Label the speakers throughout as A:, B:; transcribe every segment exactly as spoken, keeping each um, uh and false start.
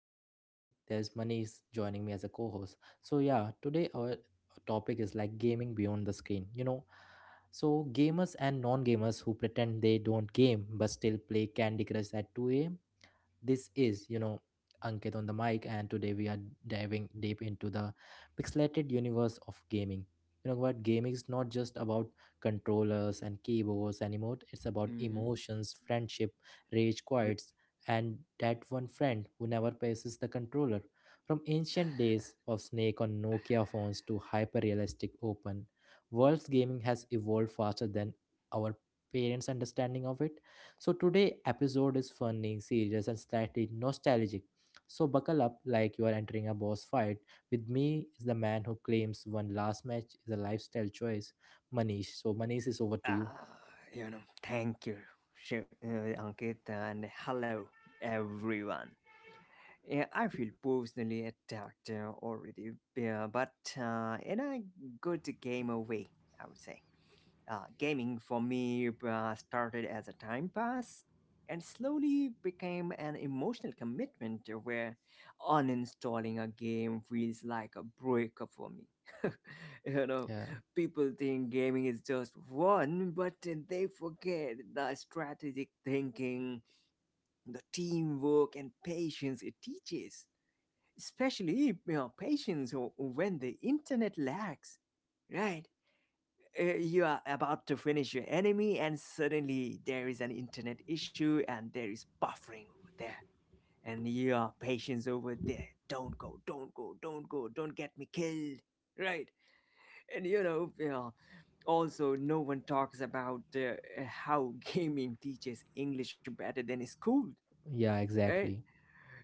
A: and for me, there's Manish joining me as a co-host. So yeah, today our topic is like gaming beyond the screen. You know, so gamers and non-gamers who pretend they don't game but still play Candy Crush at two a m. This is, you know, Ankit on the mic, and today we are diving deep into the pixelated universe of gaming. You know what? Gaming is not just about controllers and keyboards anymore, it's about
B: hmm
A: emotions, friendship, rage
B: Yep.
A: quits, and that one friend who never passes the controller. From ancient days of Snake on Nokia phones to hyper realistic open world's gaming has evolved faster than our parents' understanding of it. So today episode is funny, serious, and slightly nostalgic. So buckle up like you are entering a boss fight. With me is the man who claims one last match is a lifestyle choice, Manish. So Manish is over to you.
B: Ah, you know, thank you, Shiv, uh, Ankit, and hello, everyone. Yeah, I feel personally attacked uh, already, yeah, but uh, in a good game away, I would say. Uh, gaming for me uh, started as a time pass and slowly became an emotional commitment where uninstalling a game feels like a breakup for me. you know,
A: Yeah.
B: People think gaming is just fun, but they forget the strategic thinking, the teamwork, and patience it teaches. Especially, you know, patience when the internet lags, right? Uh, you are about to finish your enemy and suddenly there is an internet issue and there is buffering over there, and your patience over there. Don't go, don't go, don't go, don't get me killed, right? And you know, you know also no one talks about uh, how gaming teaches english better than school,
A: Yeah,
B: right.
A: exactly.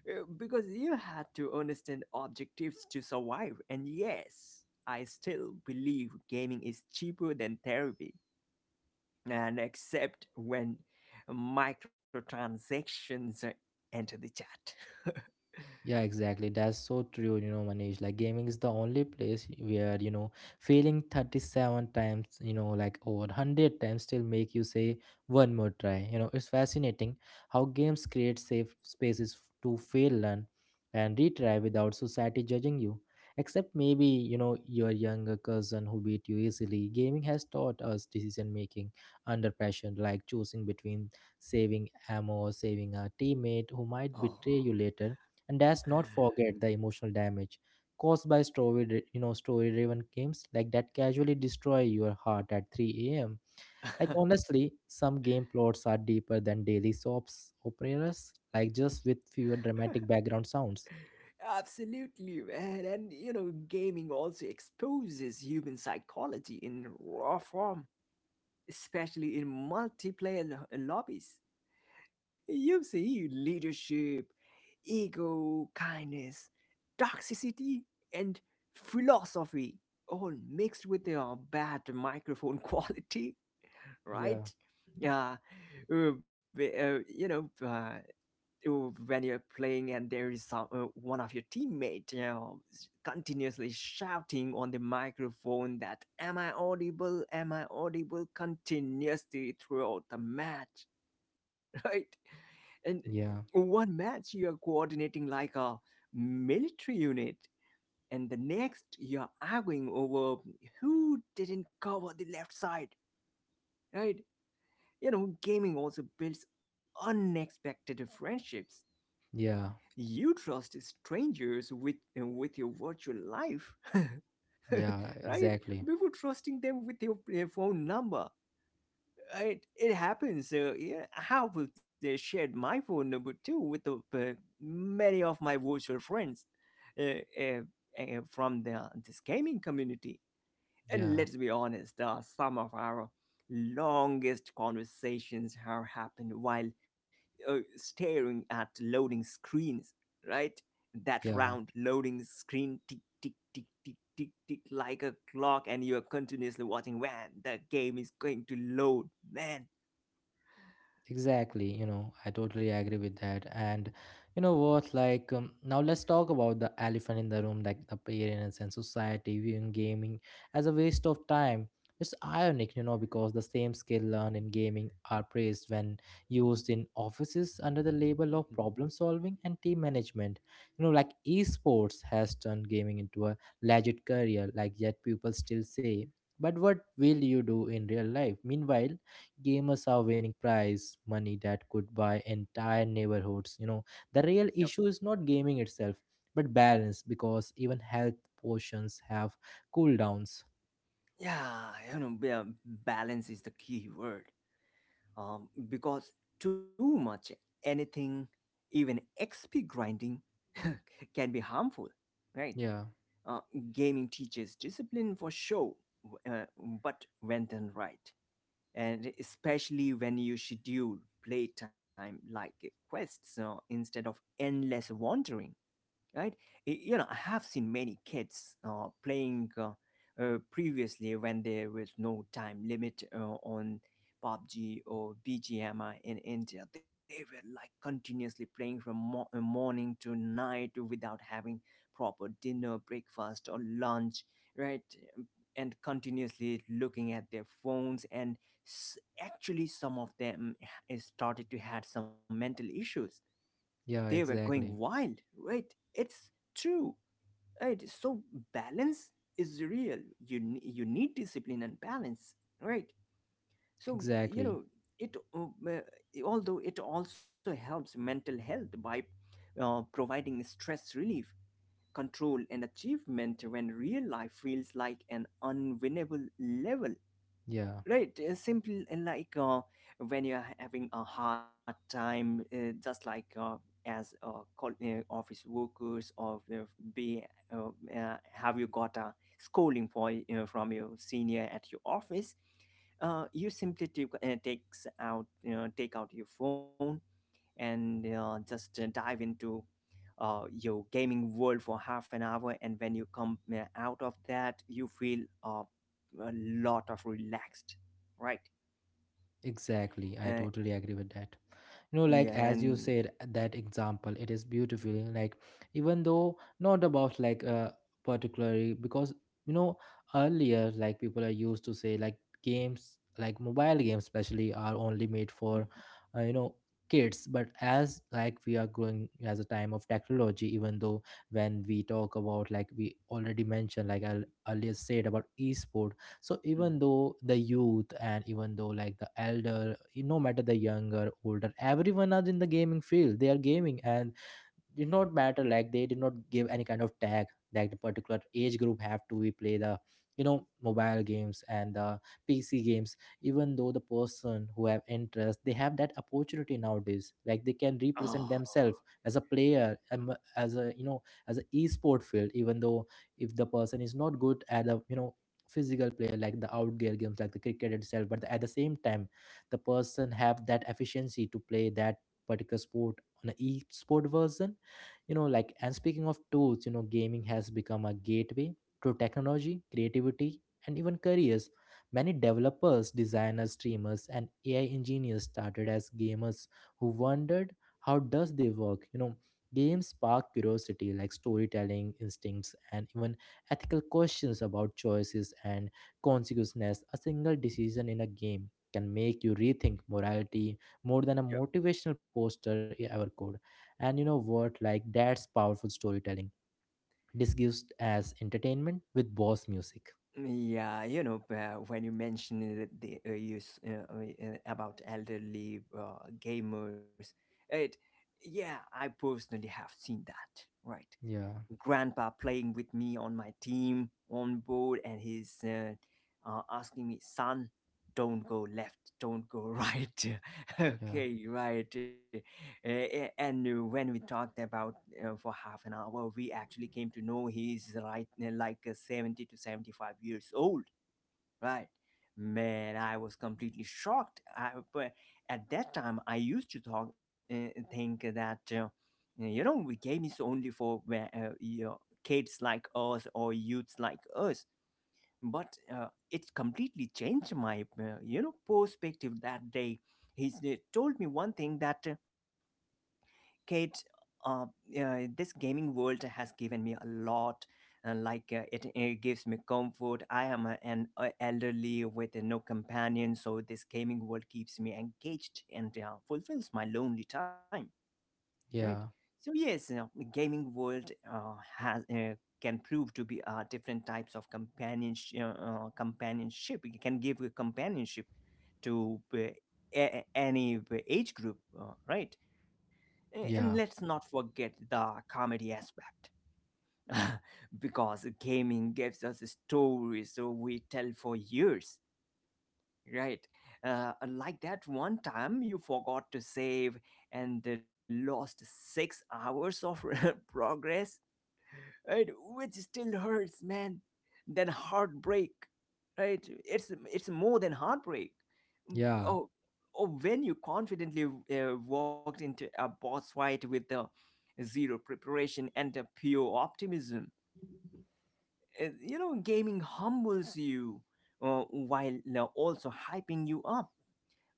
B: Uh, because you had to understand objectives to survive, and yes, I still believe gaming is cheaper than therapy, and except when microtransactions enter the chat.
A: Yeah, exactly. That's so true, you know, Manish. Like gaming is the only place where, you know, failing thirty-seven times, you know, like over one hundred times still make you say one more try. You know, it's fascinating how games create safe spaces to fail, learn, and retry without society judging you. Except maybe, you know, your younger cousin who beat you easily. Gaming has taught us decision making under pressure, like choosing between saving ammo or saving a teammate who
B: Oh.
A: might betray you later. And let's not forget the emotional damage caused by story you know story driven games like that casually destroy your heart at three a.m. Like honestly some game plots are deeper than daily soaps operas, like just with fewer dramatic background sounds.
B: Absolutely, man. And you know, gaming also exposes human psychology in raw form, especially in multiplayer lo- lobbies. You see leadership, ego, kindness, toxicity and philosophy all mixed with a bad microphone quality,
A: Yeah,
B: right? Yeah. uh, b- uh, you know uh, uh, when you're playing and there is some, uh, one of your teammate, you know s- continuously shouting on the microphone that am I audible, am I audible, continuously throughout the match. Right. And
A: yeah,
B: one match you are coordinating like a military unit, and the next you're arguing over who didn't cover the left side, right? You know, gaming also builds unexpected friendships.
A: yeah,
B: You trust strangers with with your virtual life,
A: yeah,
B: right?
A: exactly.
B: Before trusting them with your uh, phone number. Right? It happens. Uh, yeah, I have uh, shared my phone number too with uh, uh, many of my virtual friends uh, uh, uh, from the, this gaming community. And
A: Yeah,
B: let's be honest, uh, some of our longest conversations have happened while uh, staring at loading screens, right? That
A: yeah.
B: round loading screen tick, tick, tick, tick, tick, tick, like a clock, and you're continuously watching when the game is going to load. Man.
A: Exactly, you know, I totally agree with that. And you know what, like, um, now let's talk about the elephant in the room, like the parents and society viewing gaming as a waste of time. It's ironic, you know, because the same skill learned in gaming are praised when used in offices under the label
B: Mhm.
A: of problem solving and team management. You know, like esports has turned gaming into a legit career, like, yet people still say, but what will you do in real life? Meanwhile, gamers are winning prize money that could buy entire neighborhoods. You know the real
B: Yup.
A: issue is not gaming itself but balance, because even health potions have cooldowns.
B: Yeah, you know, ba- balance is the key word. Um, because too much anything, even X P grinding, can be harmful, right?
A: Yeah,
B: Uh, Gaming teaches discipline for show, uh, but when done right, and especially when you schedule playtime like quests, uh, instead of endless wandering, right. Y- you know I have seen many kids uh, playing, uh, uh, previously when there was no time limit uh, on P U B G or B G M I in India. They were like continuously playing from mo- uh, morning to night without having proper dinner, breakfast, or lunch, right? Um, And continuously looking at their phones, and s- actually, some of them h- started to had some mental issues. They
A: yeah,
B: were going
A: exactly.
B: wild, right? It's true, right? So balance is real. You ne- you need discipline and balance, right? So you
A: Exactly.
B: know it. um, uh, Although it also helps mental health by uh, providing stress relief, control, and achievement when real life feels like an unwinnable level.
A: Yeah.
B: Right, uh, simple. Uh, like, uh, when you are having a hard time, uh, just like, uh, as uh, col- uh, office workers, or uh, be uh, uh, have you got a scolding for uh, from your senior at your office? Uh, you simply take uh, takes out, you know, take out your phone and uh, just uh, dive into uh, your gaming world for half an hour, and when you come uh, out of that you feel uh, a lot of relaxed, right.
A: Exactly, I
B: uh,
A: totally agree with that.
B: yeah,
A: You know, like
B: and
A: as you said, uh, that example, it is beautifully like even though not about like uh particularly because you know earlier like people are used to say like games like mobile games especially are only made for
B: Mhm,
A: uh, you know kids. But as like we are growing as a time of technology, even though when we talk about, like we already mentioned, like I earlier said about esports, so
B: mhm.
A: even though the youth and even though like the elder, no matter the younger older, everyone are in the gaming field, they are gaming and did not matter like they did not give any kind of tag that the particular age group have to we play the you know mobile games and the pc games. Even though the person who have interest they have that opportunity nowadays, like they can
B: Oh.
A: represent themselves as a player, um, as a you know as an sport field. Even though if the person is not good at a you know physical player like the outdoor games like the cricket itself, but at the same time the person have that efficiency to play that particular sport on a e-sport version. You know like and speaking of tools, you know gaming has become a gateway to technology, creativity, and even careers. Many developers, designers, streamers, and ai engineers started as gamers who wondered how does they work. You know games spark curiosity like storytelling instincts and even ethical questions about choices and consequences. A single decision in a game can make you rethink morality more than a
B: Yep.
A: motivational poster e-, ever could. And you know what? Like that's powerful storytelling. Disguised as entertainment with boss music.
B: Yeah, you know uh, when you mentioned it, the uh, you uh, uh, uh, about elderly uh, gamers, it, yeah, I personally have seen that, right.
A: Yeah,
B: Grandpa playing with me on my team on board, and he's uh, uh, asking me, son, don't go left, don't go right,
A: yeah,
B: okay, right. Uh, and uh, when we talked about uh, for half an hour, we actually came to know he's right uh, like uh, seventy to seventy-five years old. Right. Man, I was completely shocked. I, but at that time, I used to talk, uh, think that, uh, you know, we game is only for where, uh, you know, kids like us or youths like us. But uh, it completely changed my, uh, you know, perspective that day. He s- told me one thing that Kate, uh, uh, this gaming world has given me a lot. Uh, like, uh, it, it gives me comfort. I am a, an uh, elderly with uh, no companion, so this gaming world keeps me engaged and uh, fulfills my lonely time. Right.
A: yeah,
B: So yes, uh, the gaming world uh, has uh, can prove to be uh, different types of companionship. Uh, uh, companionship it can give a companionship to uh, a- a- any uh, age group. Uh, right. a- And let's
A: yeah,
B: not forget the comedy aspect. Because gaming gives us stories so we tell for years, right? Uh, like that one time you forgot to save and uh, lost six hours of progress, right? Which still hurts, man, than heartbreak, right? It's it's more than heartbreak. Mm.
A: yeah.
B: Oh. Oh, when you confidently uh, walked into a boss fight with the zero preparation and a pure optimism. Uh, you know, gaming humbles you uh, while uh, also hyping you up,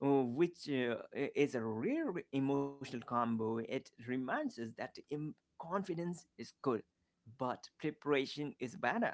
B: uh, which uh, i- is a rare emotional combo. It reminds us that im- confidence is good, but preparation is better,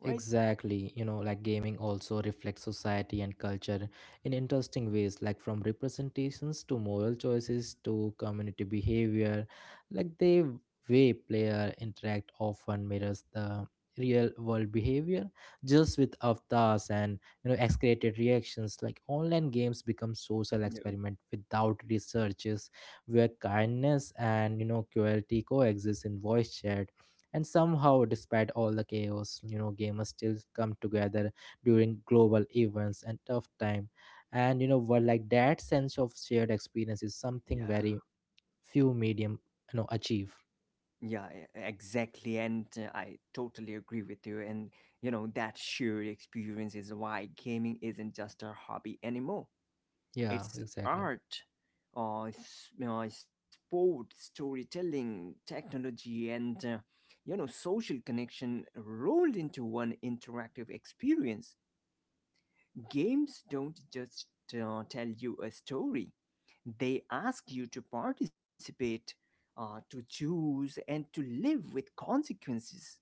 B: right?
A: Exactly, you know, like gaming also reflects society and culture in interesting ways, like from representations to moral choices to community behavior. Like the way player interact often mirrors the real world behavior, just with avatars and you know excreted reactions. Like online games become social
B: No.
A: experiment without researches, where kindness and you know cruelty coexist in voice chat, and somehow, despite all the chaos, you know, gamers still come together during global events and tough time. And you know, what like that sense of shared experience is something
B: Yeah.
A: very few medium, you know, achieve.
B: Yeah, e- exactly. And uh, I totally agree with you. And, you know, that shared experience is why gaming isn't just a hobby anymore.
A: Yeah,
B: It's
A: exactly.
B: art, uh, s- uh, sport, storytelling, technology, and uh, you know, social connection rolled into one interactive experience. Games don't just uh, tell you a story; they ask you to participate, uh, to choose, and to live with consequences.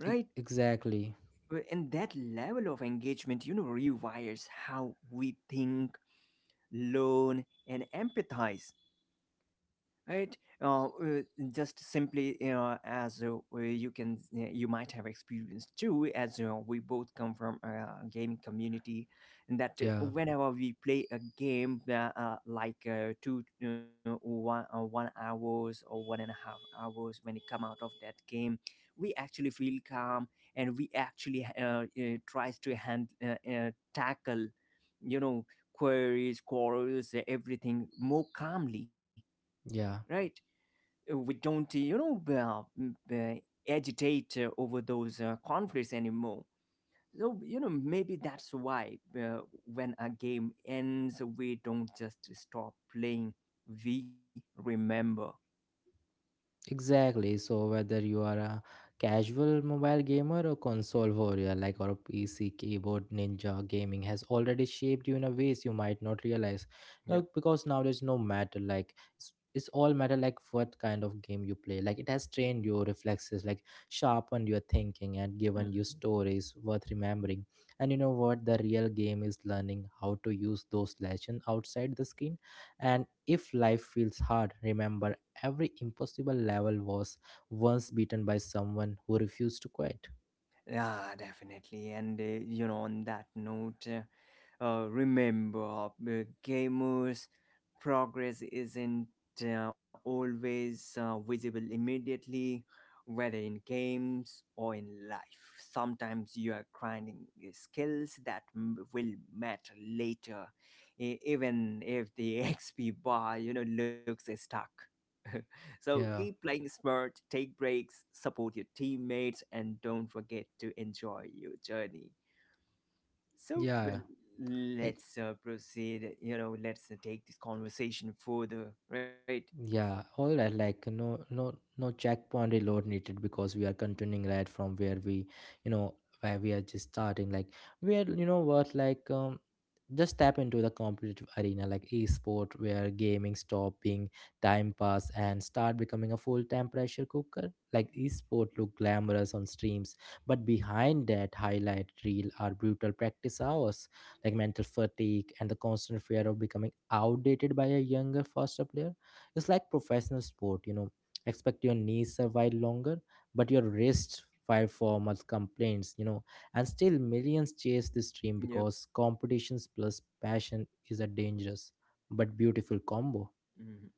A: E- exactly.
B: Well. And that level of engagement, you know, rewires how we think, learn, and empathize, right. uh, uh, just simply, you know, as uh, uh, you can, uh, you might have experienced too, as you know, we both come from a gaming community, and that, uh,
A: Yeah,
B: whenever we play a game, uh, uh, like, uh, two you know, one, uh, one hours or one and a half hours, when you come out of that game, we actually feel calm, and we actually uh, uh, tries to hand uh, uh, tackle, you know, queries, quarrels, everything more calmly,
A: yeah.
B: right. We don't, you know, uh, m- uh, agitate uh, over those uh, conflicts anymore. So, you know, maybe that's why uh, when a game ends, we don't just stop playing, we remember.
A: Exactly. So whether you are a casual mobile gamer or console warrior, like or a P C keyboard ninja, gaming has already shaped you in a ways you might not realize. Now,
B: Yep.
A: because now there's no matter like it's, it's all matter like what kind of game you play. Like it has trained your reflexes, like sharpened your thinking, and given you
B: Mhm.
A: stories worth remembering. And you know what? The real game is learning how to use those lessons outside the screen. And if life feels hard, remember every impossible level was once beaten by someone who refused to quit.
B: Yeah, definitely. And uh, you know, on that note, uh, uh, remember, uh, gamers, progress isn't uh, always uh, visible immediately, whether in games or in life. Sometimes you are grinding uh, skills that m- will matter later, e- even if the X P bar, you know, looks stuck. So keep
A: Yeah,
B: playing smart, take breaks, support your teammates, and don't forget to enjoy your journey. So
A: yeah.
B: well,
A: Yeah.
B: let's uh, proceed. You know, let's uh, take this conversation further, right?
A: Yeah, all right. Like no, no, no checkpoint reload needed because we are continuing right from where we, you know, where we are just starting. Like we are, you know, what like um, just tap into the competitive arena like esport where gaming stop being time pass and start becoming a full-time pressure cooker. Like esport look glamorous on streams, but behind that highlight reel are brutal practice hours, like mental fatigue and the constant fear of becoming outdated by a younger, faster player. It's like professional sport, you know. Expect your knees survive longer, but your wrists fire for much complaints, you know. And still millions chase this dream
B: Yeah,
A: because competitions plus passion is a dangerous but beautiful combo.
B: mhm.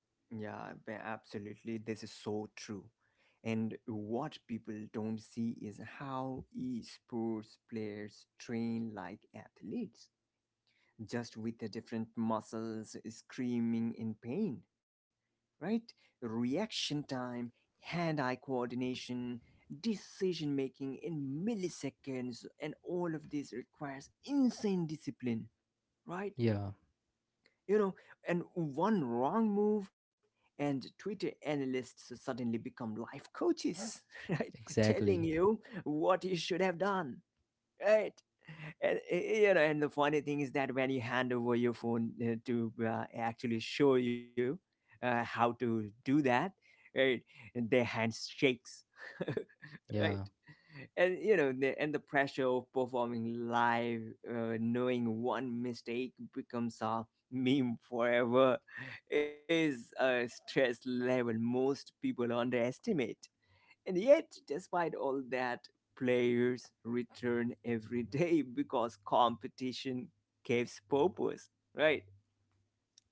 B: Yeah, ba- absolutely. This is so true. And what people don't see is how esports players train like athletes, just with the different muscles screaming in pain, right? Reaction time, hand eye coordination, decision making in milliseconds, and all of this requires insane discipline, right?
A: Yeah,
B: You know, and one wrong move, and Twitter analysts suddenly become life coaches, right? Telling
A: exactly.
B: you what you should have done, right. And uh, you know, and the funny thing is that when you hand over your phone uh, to uh, actually show you uh, how to do that, right. And their hands shakes. Right.
A: Yeah.
B: And you know the, and the pressure of performing live, uh, knowing one mistake becomes a meme forever, is a stress level most people underestimate. And yet, despite all that, players return every day because competition gives purpose, right?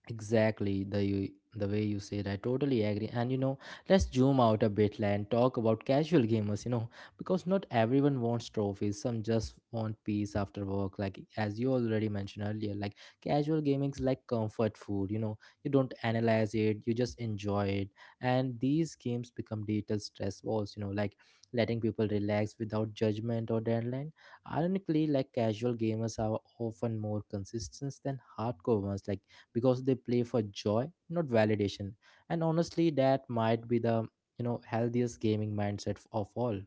A: Exactly the you, the way you said, I totally agree. And you know, let's zoom out a bit like, and talk about casual gamers. You know, because not everyone wants trophies. Some just want peace after work. Like as you already mentioned earlier, like casual gaming is like comfort food. You know, you don't analyze it, you just enjoy it. And these games become digital stress balls. You know, like letting people relax without judgment or deadline. Ironically, like casual gamers are often more consistent than hardcore ones. Like because they play for joy, not validation. And honestly, that might be the you know healthiest gaming mindset of all.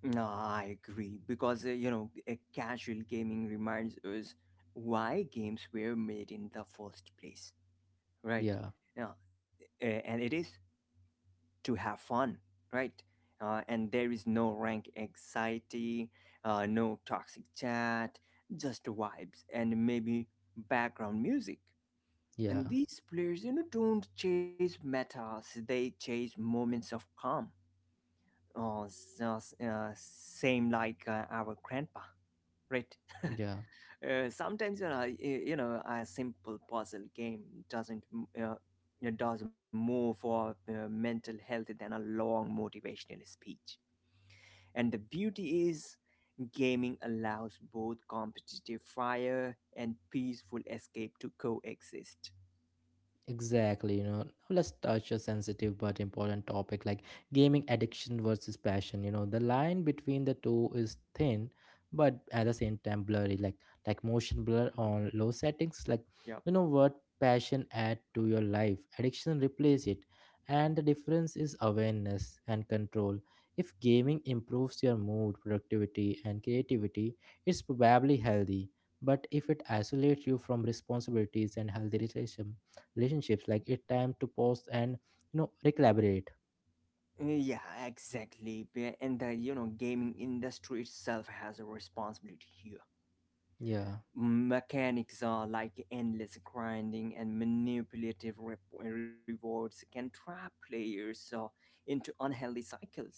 B: No, I agree. Because, uh, you know, a casual gaming reminds us why games were made in the first place, right?
A: Yeah,
B: Now, uh, and it is to have fun, right? Uh, and there is no rank anxiety, uh, no toxic chat, just vibes and maybe background music.
A: yeah,
B: And these players, you know, don't chase metas, they chase moments of calm. Oh, s- uh, s- uh, same like uh, our grandpa, right?
A: yeah.
B: Uh, sometimes, you know, y- you know, a simple puzzle game doesn't m- uh, it does more for uh, mental health than a long motivational speech. And the beauty is, gaming allows both competitive fire and peaceful escape to coexist.
A: Exactly, you know. Now let's touch a sensitive but important topic like gaming addiction versus passion. You know, the line between the two is thin, but at the same time blurry. Like like motion blur
B: Mhm.
A: on low settings. Like
B: Yep.
A: you know what passion add to your life, addiction replace it, and the difference is awareness and control. If gaming improves your mood, productivity, and creativity, it's probably healthy. But if it isolates you from responsibilities and healthy relations relationships, like a time to pause and you know recalibrate.
B: Yeah, exactly. Be- And the you know gaming industry itself has a responsibility here.
A: Yeah,
B: Mechanics are like endless grinding and manipulative rep- rewards can trap players uh, into unhealthy cycles,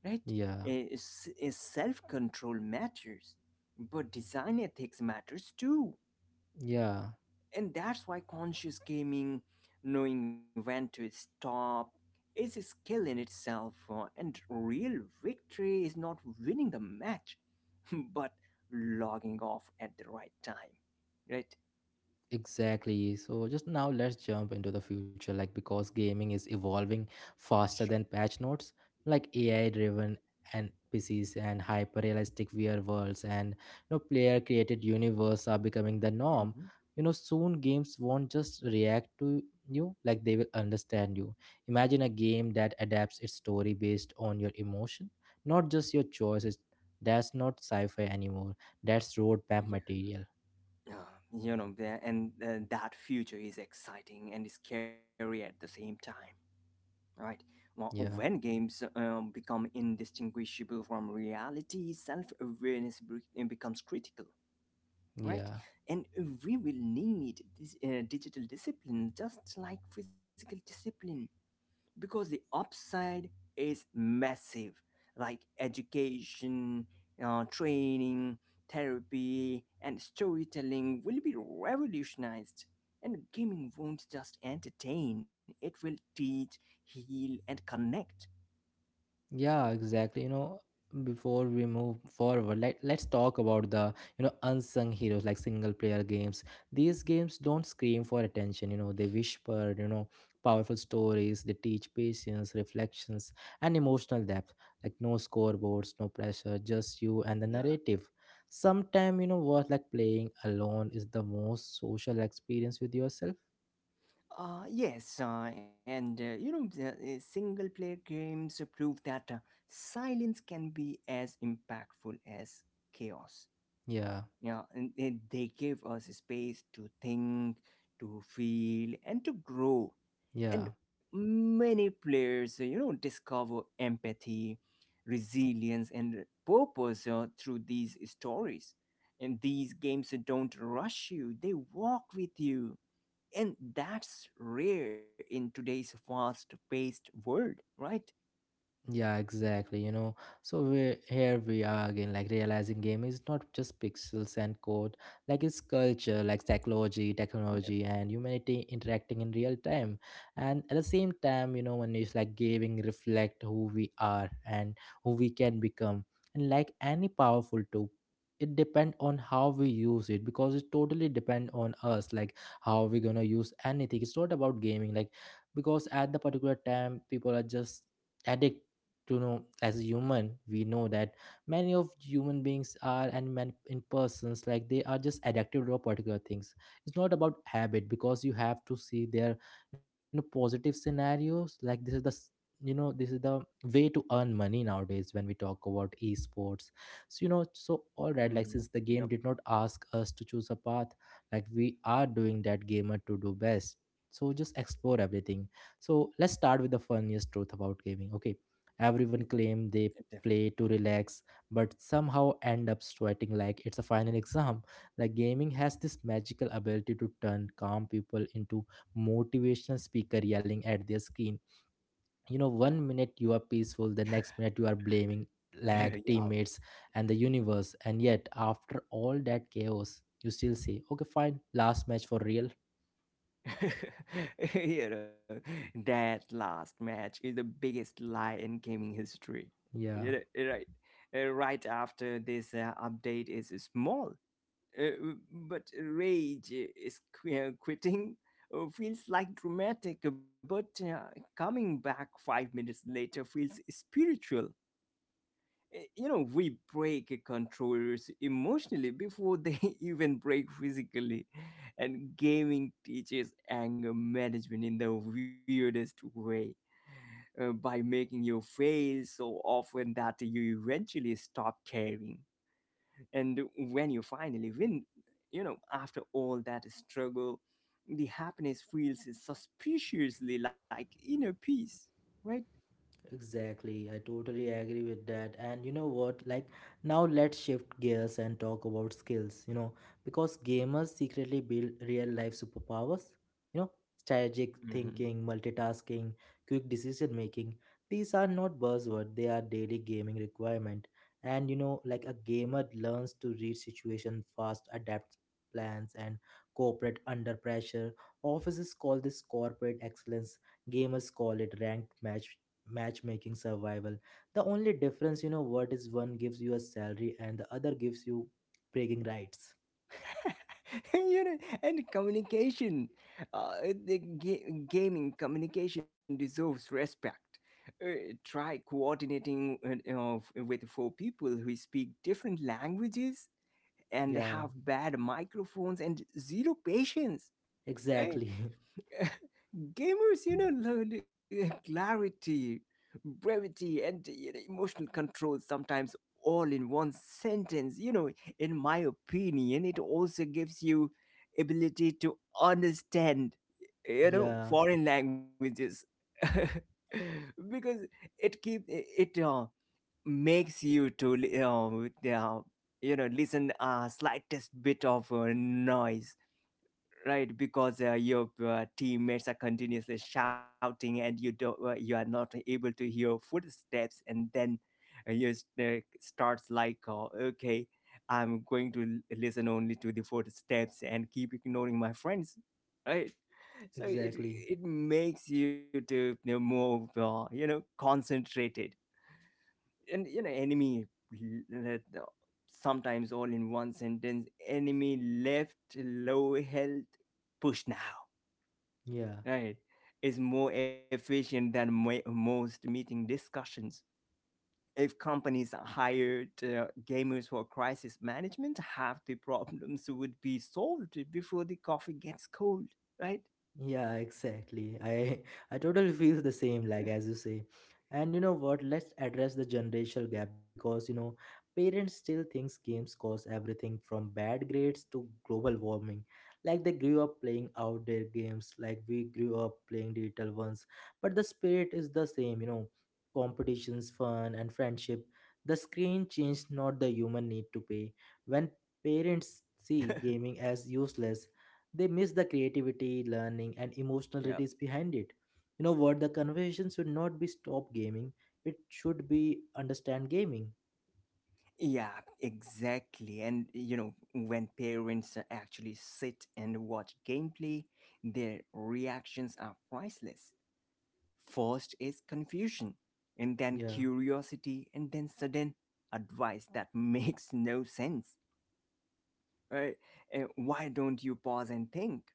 B: right?
A: yeah,
B: Eh, s- eh, self-control matters, but design ethics matters too.
A: yeah.
B: And that's why conscious gaming, knowing when to stop, is a skill in itself, uh, and real victory is not winning the match, but logging off at the right time, right?
A: Exactly. So just now let's jump into the future like because gaming is evolving
B: Sure.
A: faster than patch notes, like A I driven and P Cs and hyper realistic V R worlds and you know player created universe are becoming the norm.
B: Hmm.
A: You know soon games won't just react to you like they will understand you. Imagine a game that adapts its story based on your emotion, not just your choices. That's not sci-fi anymore. That's roadmap
B: Yeah.
A: material.
B: Uh, you know, the- and uh, that future is exciting and scary at the same time, right? Well, when
A: Yeah.
B: games um, become indistinguishable from reality, self awareness becomes critical, right?
A: Yeah.
B: And we will need this uh, digital discipline just like physical discipline, because the upside is massive, like education, uh, training, therapy, and storytelling will be revolutionized. And gaming won't just entertain, it will teach, heal, and connect.
A: Yeah, exactly. You know, before we move forward, let, let's talk about the, you know, unsung heroes like single player games. These games don't scream for attention, you know, they whisper, you know, powerful stories, they teach patience, reflections, and emotional depth. Like no scoreboards, no pressure, just you and the narrative. Sometime, you know, what like playing alone is the most social experience with yourself.
B: Uh, yes, uh, and uh, you know, the, uh, single player games prove that uh, silence can be as impactful as chaos.
A: Yeah,
B: Yeah, and and they give us space to think, to feel, and to grow.
A: yeah.
B: And many players, you know, discover empathy, resilience, and purpose uh, through these stories. And these games don't rush you, they walk with you. And that's rare in today's fast paced world, right?
A: Yeah, exactly. You know, so we here we are again, like realizing game is not just pixels and code, like it's culture, like psychology, technology, and humanity interacting in real time. And at the same time, you know, when it's like gaming reflect who we are and who we can become. And like any powerful tool, it depend on how we use it because it totally depend on us, like how we gonna use anything. It's not about gaming, like because at the particular time, people are just addicted to know as a human we know that many of human beings are and men in persons like they are just addicted to particular things. It's not about habit because you have to see their you know positive scenarios, like this is the s- you know this is the way to earn money nowadays when we talk about esports. So you know so all right, like since
B: Mhm.
A: the game
B: Yep.
A: did not ask us to choose a path, like we are doing that gamer to do best, so just explore everything. So let's start with the funniest truth about gaming. Okay, everyone
B: Yep.
A: claim they
B: Definitely.
A: play to relax, but somehow end up sweating like it's a final exam. Like gaming has this magical ability to turn calm people into motivational speaker yelling at their screen. You know, one minute you are peaceful, the next minute you are blaming lag,
B: Yeah.
A: teammates, and the universe. And yet, after all that chaos, you still say, okay, fine, last match for real.
B: You know, that last match is the biggest lie in gaming history.
A: Yeah.
B: You know, right, uh, right after this uh, update is small. Uh, but rage is qui- quitting uh, feels like dramatic, but uh, coming back five minutes later feels spiritual. Uh, You know, we break controllers emotionally before they even break physically, and gaming teaches anger management in the weirdest way uh, by making you fail so often that you eventually stop caring. And when you finally win, you know, after all that struggle, the happiness feels suspiciously like inner peace, right?
A: Exactly, I totally agree with that. And you know what? Like, now let's shift gears and talk about skills, you know, because gamers secretly build real life superpowers, you know, strategic
B: Hmm.
A: thinking, multitasking, quick decision making. These are not buzzwords, they are daily gaming requirement. And you know, like a gamer learns to read situation fast, adapt plans, and cooperate under pressure. Offices call this corporate excellence, gamers call it ranked match matchmaking survival. The only difference, you know what, is one gives you a salary and the other gives you bragging rights.
B: You know, and communication, uh, the ga- gaming communication deserves respect. Uh, try coordinating uh, uh, f- with four people who speak different languages and
A: Yeah,
B: have bad microphones and zero patience, right?
A: exactly.
B: Gamers, you know, lo- clarity, brevity, and, you know, emotional control, sometimes all in one sentence. You know, in my opinion it also gives you ability to understand, you know,
A: Yeah,
B: foreign languages. Because it keep it uh, makes you to li- uh, uh, you know, listen a slightest bit of uh, noise, right? Because uh, your uh, teammates are continuously shouting and you don't uh, you are not able to hear footsteps, and then uh, you s- uh, starts like, uh, okay, I'm going to l- listen only to the footsteps and keep ignoring my friends, right? So it
A: exactly.
B: it makes you to, you know, more uh, you know, concentrated. And you know, enemy l- uh, sometimes all in one sentence, enemy left low health push now,
A: Yeah.
B: right, is more efficient than mo- most meeting discussions. If companies hired uh, gamers for crisis management, half the problems would be solved before the coffee gets cold, right?
A: Yeah, exactly. I I totally feel the same, like as you say. And you know what? Let's address the generational gap, because you know parents still thinks games cause everything from bad grades to global warming. Like they grew up playing outdoor games, like we grew up playing digital ones. But the spirit is the same, you know, competitions, fun, and friendship. The screen changed, not the human need to pay. When parents see gaming as useless, they miss the creativity, learning, and emotional
B: Yeah.
A: release behind it. You know what? The conversation should not be stop gaming. It should be understand gaming.
B: Yeah, exactly. And you know, when parents actually sit and watch gameplay, their reactions are priceless. First is confusion, and then
A: Yeah,
B: curiosity, and then sudden advice that makes no sense. Uh, uh, why don't you pause and think?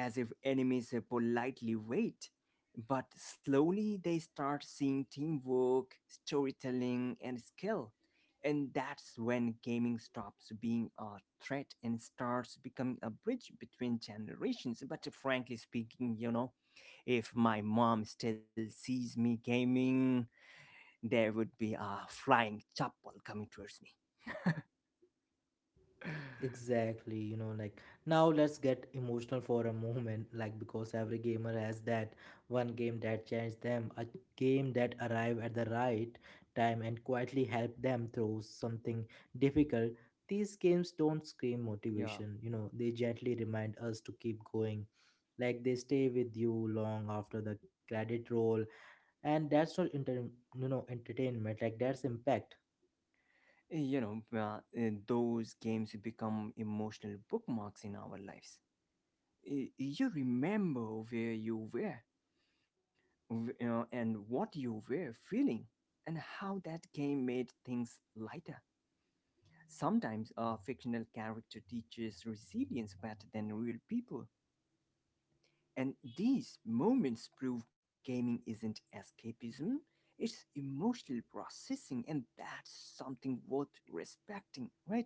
B: As if enemies politely wait. But slowly they start seeing teamwork, storytelling, and skill. And that's when gaming stops being a threat and starts becoming a bridge between generations. But frankly speaking, you know, if my mom still sees me gaming, there would be a flying chapel coming towards me.
A: exactly. You know, like now let's get emotional for a moment. Like because every gamer has that one game that changed them, a game that arrived at the right time and quietly helped them through something difficult. These games don't scream
B: Yeah.
A: motivation. You know, they gently remind us to keep going, like they stay with you long after the credit roll. And that's not inter- you know entertainment, like that's impact.
B: You know, uh, uh, those games become emotional bookmarks in our lives. Y- you remember where you were w- uh, and what you were feeling and how that game made things lighter. Sometimes a fictional character teaches resilience better than real people. And these moments prove gaming isn't escapism, it's emotional processing, and that's something worth respecting, right?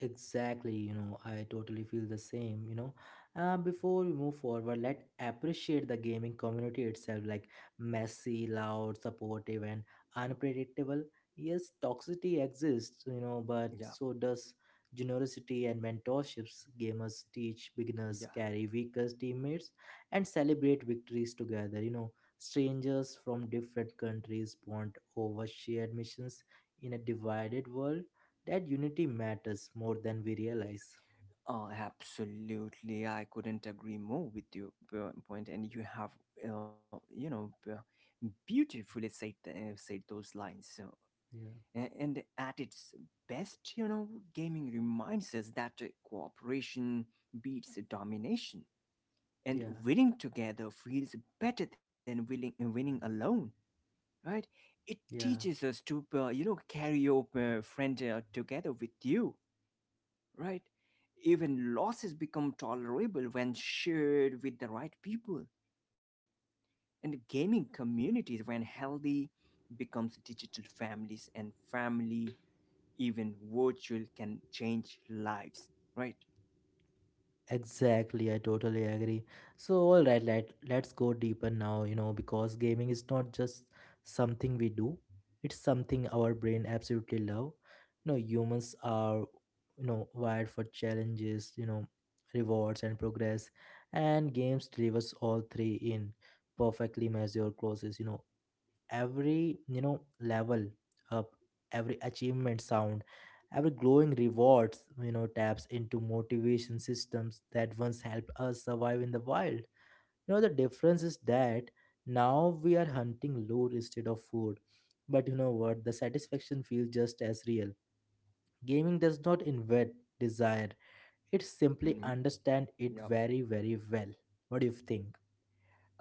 A: Exactly, you know, I totally feel the same, you know. Uh, before we move forward, let's appreciate the gaming community itself, like messy, loud, supportive, and unpredictable. Yes, toxicity exists, you know, but
B: Yeah,
A: so does generosity and mentorships. Gamers teach beginners,
B: yeah.
A: carry weaker teammates, and celebrate victories together, you know. Strangers from different countries bond over shared missions in a divided world. That unity matters more than we realize.
B: Uh, absolutely, I couldn't agree more with your po- point, and you have, uh, you know, b- beautifully said uh, said those lines. Uh,
A: Yeah,
B: a- and at its best, you know, gaming reminds us that uh, cooperation beats domination, and
A: yeah,
B: winning together feels better than winning winning alone, right? It
A: yeah.
B: teaches us to, uh, you know, carry your uh, friend uh, together with you, right? Even losses become tolerable when shared with the right people. And gaming communities, when healthy, becomes digital families, and family, even virtual, can change lives, right?
A: Exactly, I totally agree. So, all right, let let's go deeper now. You know, because gaming is not just something we do; it's something our brain absolutely love. You know, humans are you know wired for challenges. You know, rewards and progress, and games delivers all three in perfectly measured courses. You know, every you know level up, every achievement sound, every glowing rewards, you know, taps into motivation systems that once helped us survive in the wild. You know, the difference is that now we are hunting lure instead of food, but you know what, the satisfaction feels just as real. Gaming does not invent desire, it simply
B: Mhm.
A: understand it
B: Yep.
A: very very well. What do you think?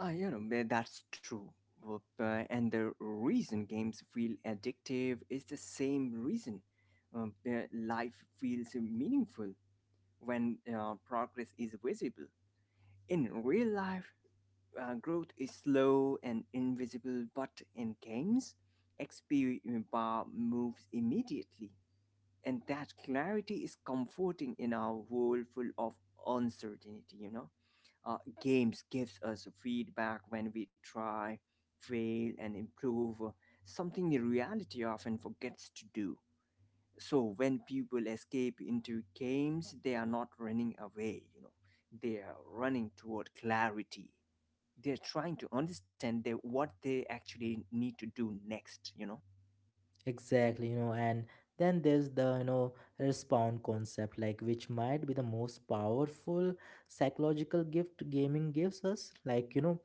B: Uh, you know, tha- that's true. Whoop, uh, And the reason games feel addictive is the same reason um, uh, life feels meaningful when uh, progress is visible. In real life, uh, growth is slow and invisible, but in games, X P bar moves immediately. And that clarity is comforting in our world full of uncertainty, you know? Uh, games gives us feedback when we try, fail, and improve, uh, something the reality often forgets to do. So when people escape into games, they are not running away, you know, they are running toward clarity. They're trying to understand their, what they actually need to do next, you know.
A: Exactly, you know, and then there's the, you know, respond concept, like which might be the most powerful psychological gift gaming gives us. Like, you know,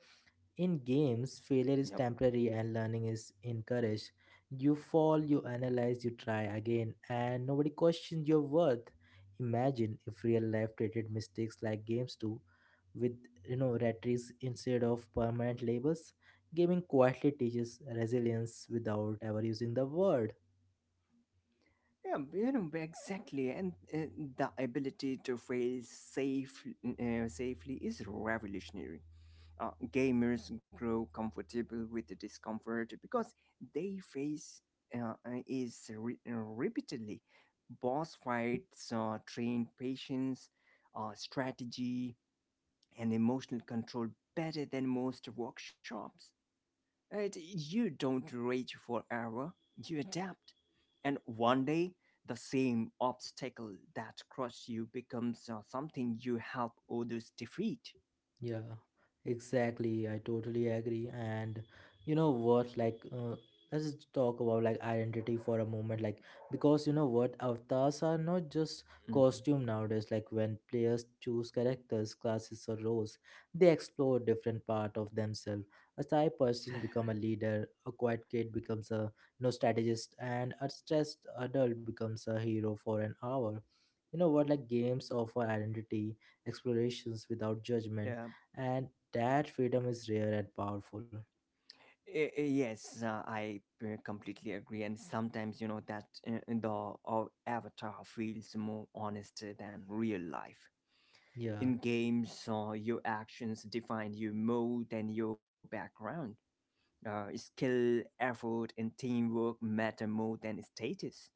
A: in games, failure is
B: Yep.
A: temporary and learning is encouraged. You fall, you analyze, you try again, and nobody questions your worth. Imagine if real life treated mistakes like games do, with, you know, retries instead of permanent labels. Gaming quietly teaches resilience without ever using the word.
B: Yeah, you know, exactly, and uh, the ability to fail safe, uh, safely is revolutionary. Uh, gamers grow comfortable with the discomfort because they face uh, uh, is re- uh, repeatedly boss fights. Uh, trained patience, uh, strategy, and emotional control better than most workshops. Right? You don't rage forever, you adapt. And one day, the same obstacle that crushed you becomes uh, something you help others defeat.
A: Yeah, exactly. I totally agree. And you know what? Like, uh, let's just talk about like identity for a moment. Like, because you know what? Avatars are not just
B: Mhm.
A: costume nowadays. Like, when players choose characters, classes, or roles, they explore different part of themselves. A shy person become a leader. A quiet kid becomes a you know strategist, and a stressed adult becomes a hero for an hour. You know what? Like, games offer identity explorations without judgment,
B: Yeah,
A: and that freedom is rare and powerful.
B: I- I- Yes, uh, I uh, completely agree. And sometimes, you know, that uh, the uh, avatar feels more honest than real life.
A: Yeah.
B: In games, uh, your actions define you more than your background. Uh, skill, effort, and teamwork matter more than status.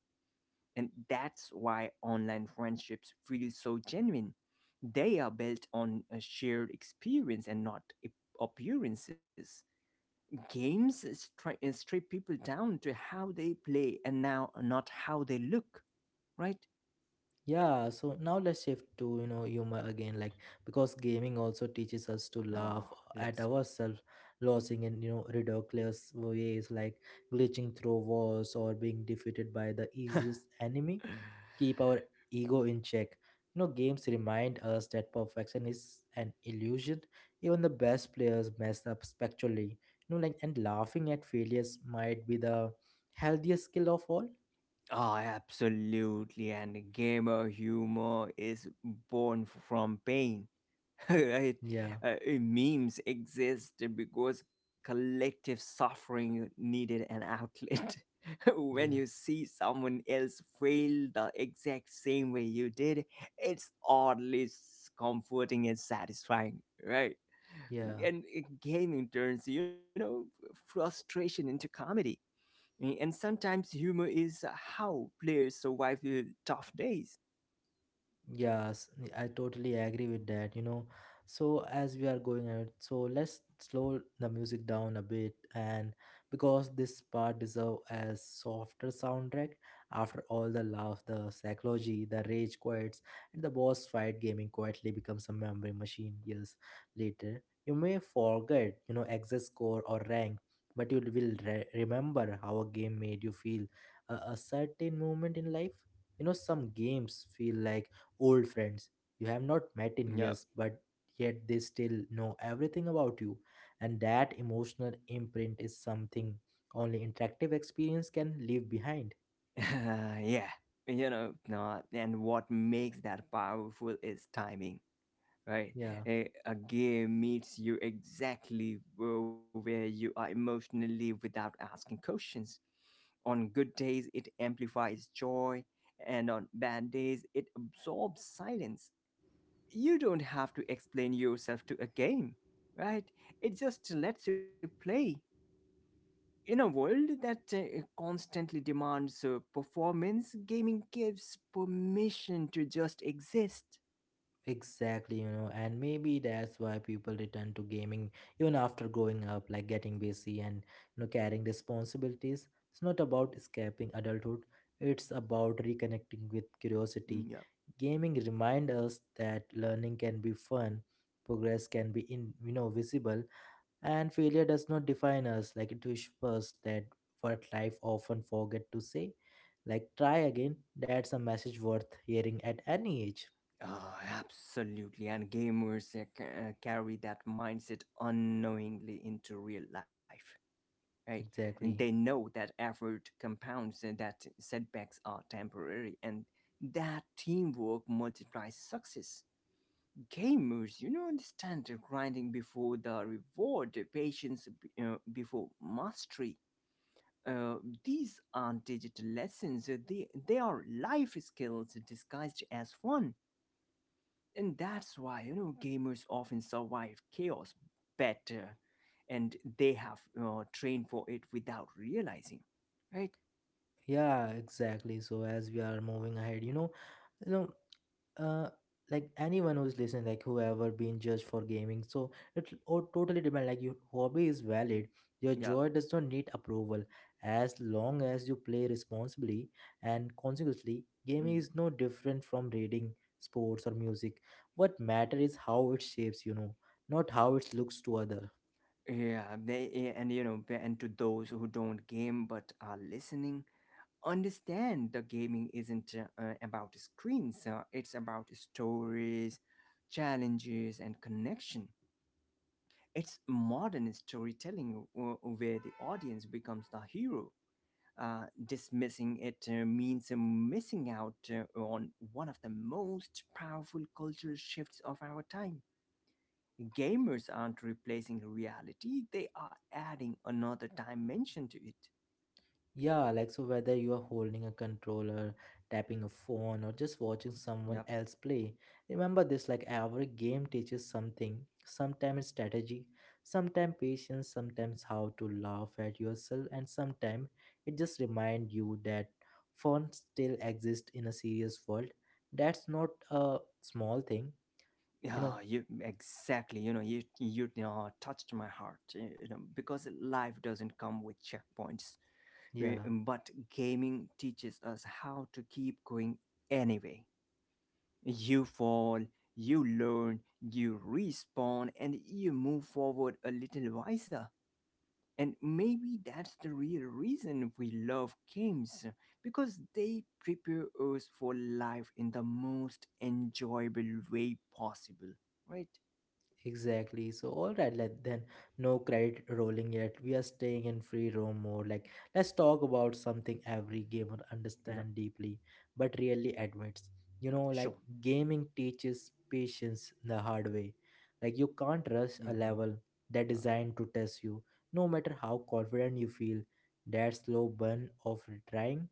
B: And that's why online friendships feel so genuine. They are built on a shared experience and not ap- appearances. Games is try- uh, strip people down to how they play and now not how they look, right?
A: Yeah, so now let's shift to, you know, humor again, like because gaming also teaches us to laugh
B: Oh,
A: at
B: let's go.
A: ourselves. Losing in, you know, ridiculous ways, like glitching through walls or being defeated by the easiest enemy, keep our ego in check. You know, games remind us that perfection is an illusion. Even the best players mess up spectrally. You know, like and laughing at failures might be the healthiest skill of all.
B: Oh, absolutely. And gamer humor is born from pain. Right?
A: Yeah,
B: Uh, eh, memes exist because collective suffering needed an outlet. When
A: yeah,
B: you see someone else fail the exact same way you did, it's oddly s- comforting and satisfying, right?
A: yeah.
B: And eh, gaming turns, you know, frustration into comedy. Eh, And sometimes humor is how players survive eh, tough days.
A: Yes, I totally agree with that, you know. So as we are going ahead, so let's slow the music down a bit and because this part deserve a softer soundtrack after all the love, the psychology, the rage quits, and the boss fight, gaming quietly becomes a memory machine. Years later, you may forget, you know, exit score or rank, but you will re- remember how a game made you feel, a, a certain moment in life. You know, some games feel like old friends you have not met in
B: Yeah.
A: years, but yet they still know everything about you. And that emotional imprint is something only interactive experience can leave behind.
B: Yeah, you know, no, and what makes that powerful is timing, right?
A: Yeah.
B: A, a game meets you exactly wh- where you are emotionally without asking questions. On good days, it amplifies joy, and on bad days, it absorbs silence. You don't have to explain yourself to a game, right? It just lets you play. In a world that uh, constantly demands uh, performance, gaming gives permission to just exist.
A: Exactly, you know, and maybe that's why people return to gaming even after growing up, like getting busy and you know carrying responsibilities. It's not about escaping adulthood; it's about reconnecting with curiosity.
B: Yeah.
A: Gaming reminds us that learning can be fun, progress can be in you know visible, and failure does not define us. Like it whispers that what life often forget to say, like try again. That's a message worth hearing at any age.
B: Ah, absolutely, and gamers uh, ca- uh, carry that mindset unknowingly into real life, right? And they
A: Exactly.
B: know that effort compounds, and that setbacks are temporary, and that teamwork multiplies success. Gamers, you know, understand the grinding before the reward, the patience b- uh, before mastery. Uh, these aren't digital lessons; uh, they they are life skills disguised as fun, and that's why, you know, gamers often survive chaos better, and they have uh, trained for it without realizing, right?
A: Yeah, exactly. So as we are moving ahead, you know, you know, uh, like anyone who's listening, like whoever being judged for gaming, so it o- totally depends. Like your hobby is valid, your
B: Yeah.
A: joy does not need approval as long as you play responsibly, and consequently,
B: Mm.
A: gaming is no different from reading, sports, or music. What matters is how it shapes, you know, not how it looks to other.
B: Yeah, they, yeah, and you know, and to those who don't game but are listening, understand the gaming isn't uh, uh, about screens, uh, it's about stories, challenges, and connection. It's modern storytelling uh, where the audience becomes the hero. Uh, dismissing it uh, means uh, missing out uh, on one of the most powerful cultural shifts of our time. Gamers aren't replacing reality, they are adding another dimension to it.
A: Yeah, like so whether you are holding a controller, tapping a phone, or just watching someone
B: Yep.
A: else play, remember this, like every game teaches something. Sometimes strategy, sometimes patience, sometimes how to laugh at yourself, and sometimes it just reminds you that fun still exists in a serious world. That's not a small thing, you know.
B: Yeah, you exactly. You know, you you uh, touched my heart. You know, because life doesn't come with checkpoints. We-
A: Yeah.
B: but gaming teaches us how to keep going anyway. You fall, you learn, you respawn, and you move forward a little wiser. And maybe that's the real reason we love games, because they prepare us for life in the most enjoyable way possible, right?
A: Exactly. So, all right, let then no credit rolling yet. We are staying in free roam mode. Like, let's talk about something every gamer understand deeply, but really admits. You know, like
B: Sure.
A: gaming teaches patience the hard way. Like, you can't rush a
B: Hmm.
A: level that
B: Yeah.
A: designed to test you, no matter how confident you feel. That slow burn of trying,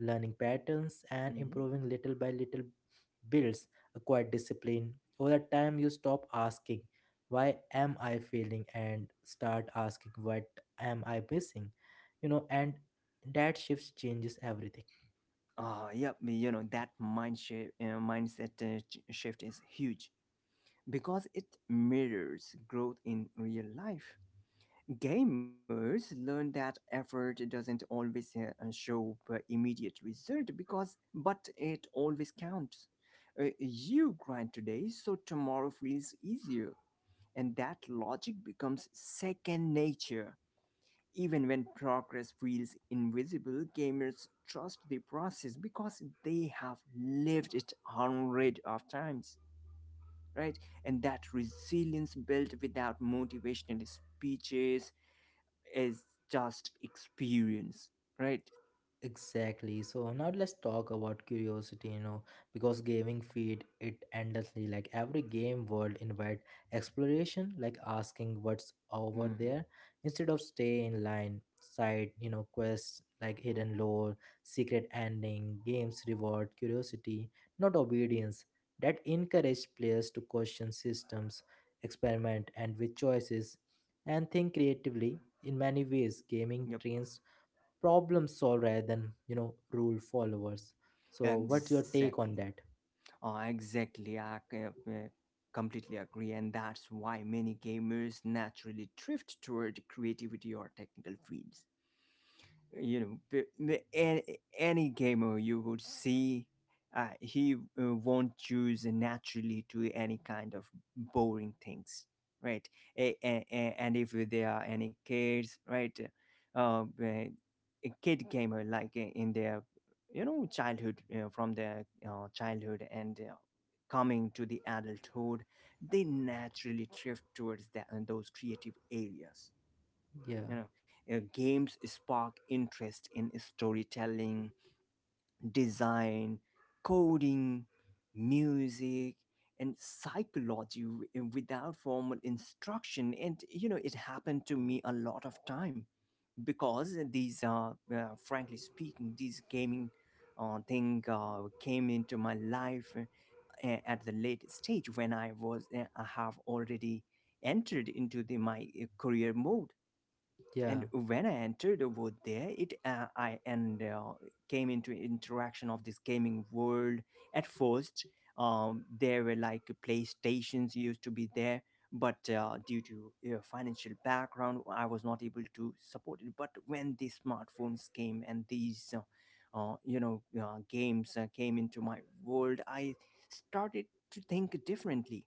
A: learning patterns, and
B: Hmm.
A: improving little by little builds a quiet discipline. Over time, you stop asking why am I failing and start asking what am I missing. You know, and that shifts changes everything.
B: Ah, yeah. You know, that mind shape, uh, mindset uh, ch- shift is huge because it mirrors growth in real life. Gamers learn that effort doesn't always uh, uh, show uh, immediate result, because, but it always counts. Uh, you grind today, so tomorrow feels easier, and that logic becomes second nature. Even when progress feels invisible, gamers trust the process because they have lived it hundreds of times, right? And that resilience built without motivational speeches is just experience, right?
A: Exactly. So now let's talk about curiosity, you know, because gaming feed it endlessly. Like every game world invite exploration, like asking what's over
B: Mm,
A: there instead of stay in line, side, you know, quests like hidden lore, secret ending, games reward curiosity, not obedience. That encourage players to question systems, experiment and with choices and think creatively. In many ways, gaming
B: yep,
A: trains problem solve rather than you know rule followers. So what's your take on
B: exactly.
A: that?
B: Oh, exactly. I c- uh, completely agree, and that's why many gamers naturally drift toward creativity or technical fields you know b- b- a- Any gamer you would see, uh, he uh, won't choose naturally to any kind of boring things, right? A- a- a- and if there are any kids, right? Uh, a kid gamer, like, uh, in their, you know, childhood, uh, from their uh, childhood and uh, coming to the adulthood, they naturally drift towards that and those creative areas,
A: Yeah.
B: you know. Uh, games spark interest in storytelling, design, coding, music, and psychology w- eh, without formal instruction, and you know it happened to me a lot of time, because these uh, uh frankly speaking, these gaming uh, thing uh, came into my life uh, at the late stage when i was uh, i have already entered into the my uh, career mode.
A: Yeah.
B: And when I entered over there, it uh, I and uh, came into interaction of this gaming world at first. Um, there were like playstations used to be there, but uh, due to uh, financial background I was not able to support it. But when these smartphones came and these uh, uh, you know uh, games uh, came into my world, I started to think differently.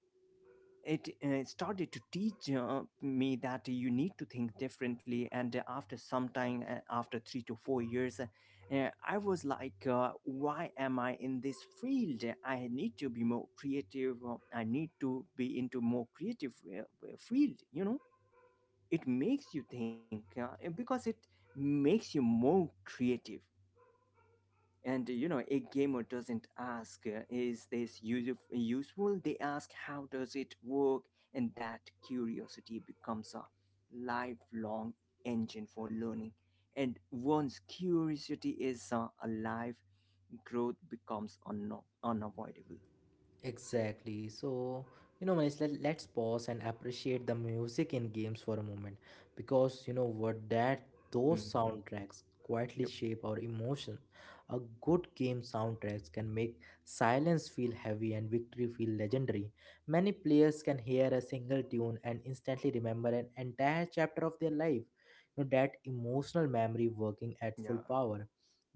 B: It uh, started to teach uh, me that you need to think differently. And uh, after some time, uh, after three to four years uh, uh, I was like, uh, why am I in this field? I need to be more creative. uh, I need to be into more creative uh, uh, field, you know. It makes you think, uh, because it makes you more creative. And you know, a gamer doesn't ask, uh, is this use- useful? They ask, how does it work? And that curiosity becomes a lifelong engine for learning. And once curiosity is uh, alive, growth becomes unno unavoidable.
A: Exactly. So, you know, Manish, let, let's pause and appreciate the music in games for a moment, because you know what, that those
B: Mhm.
A: soundtracks quietly
B: Yep.
A: shape our emotion. A good game soundtracks can make silence feel heavy and victory feel legendary. Many players can hear a single tune and instantly remember an entire chapter of their life. You know, that emotional memory working at full
B: Yeah.
A: power.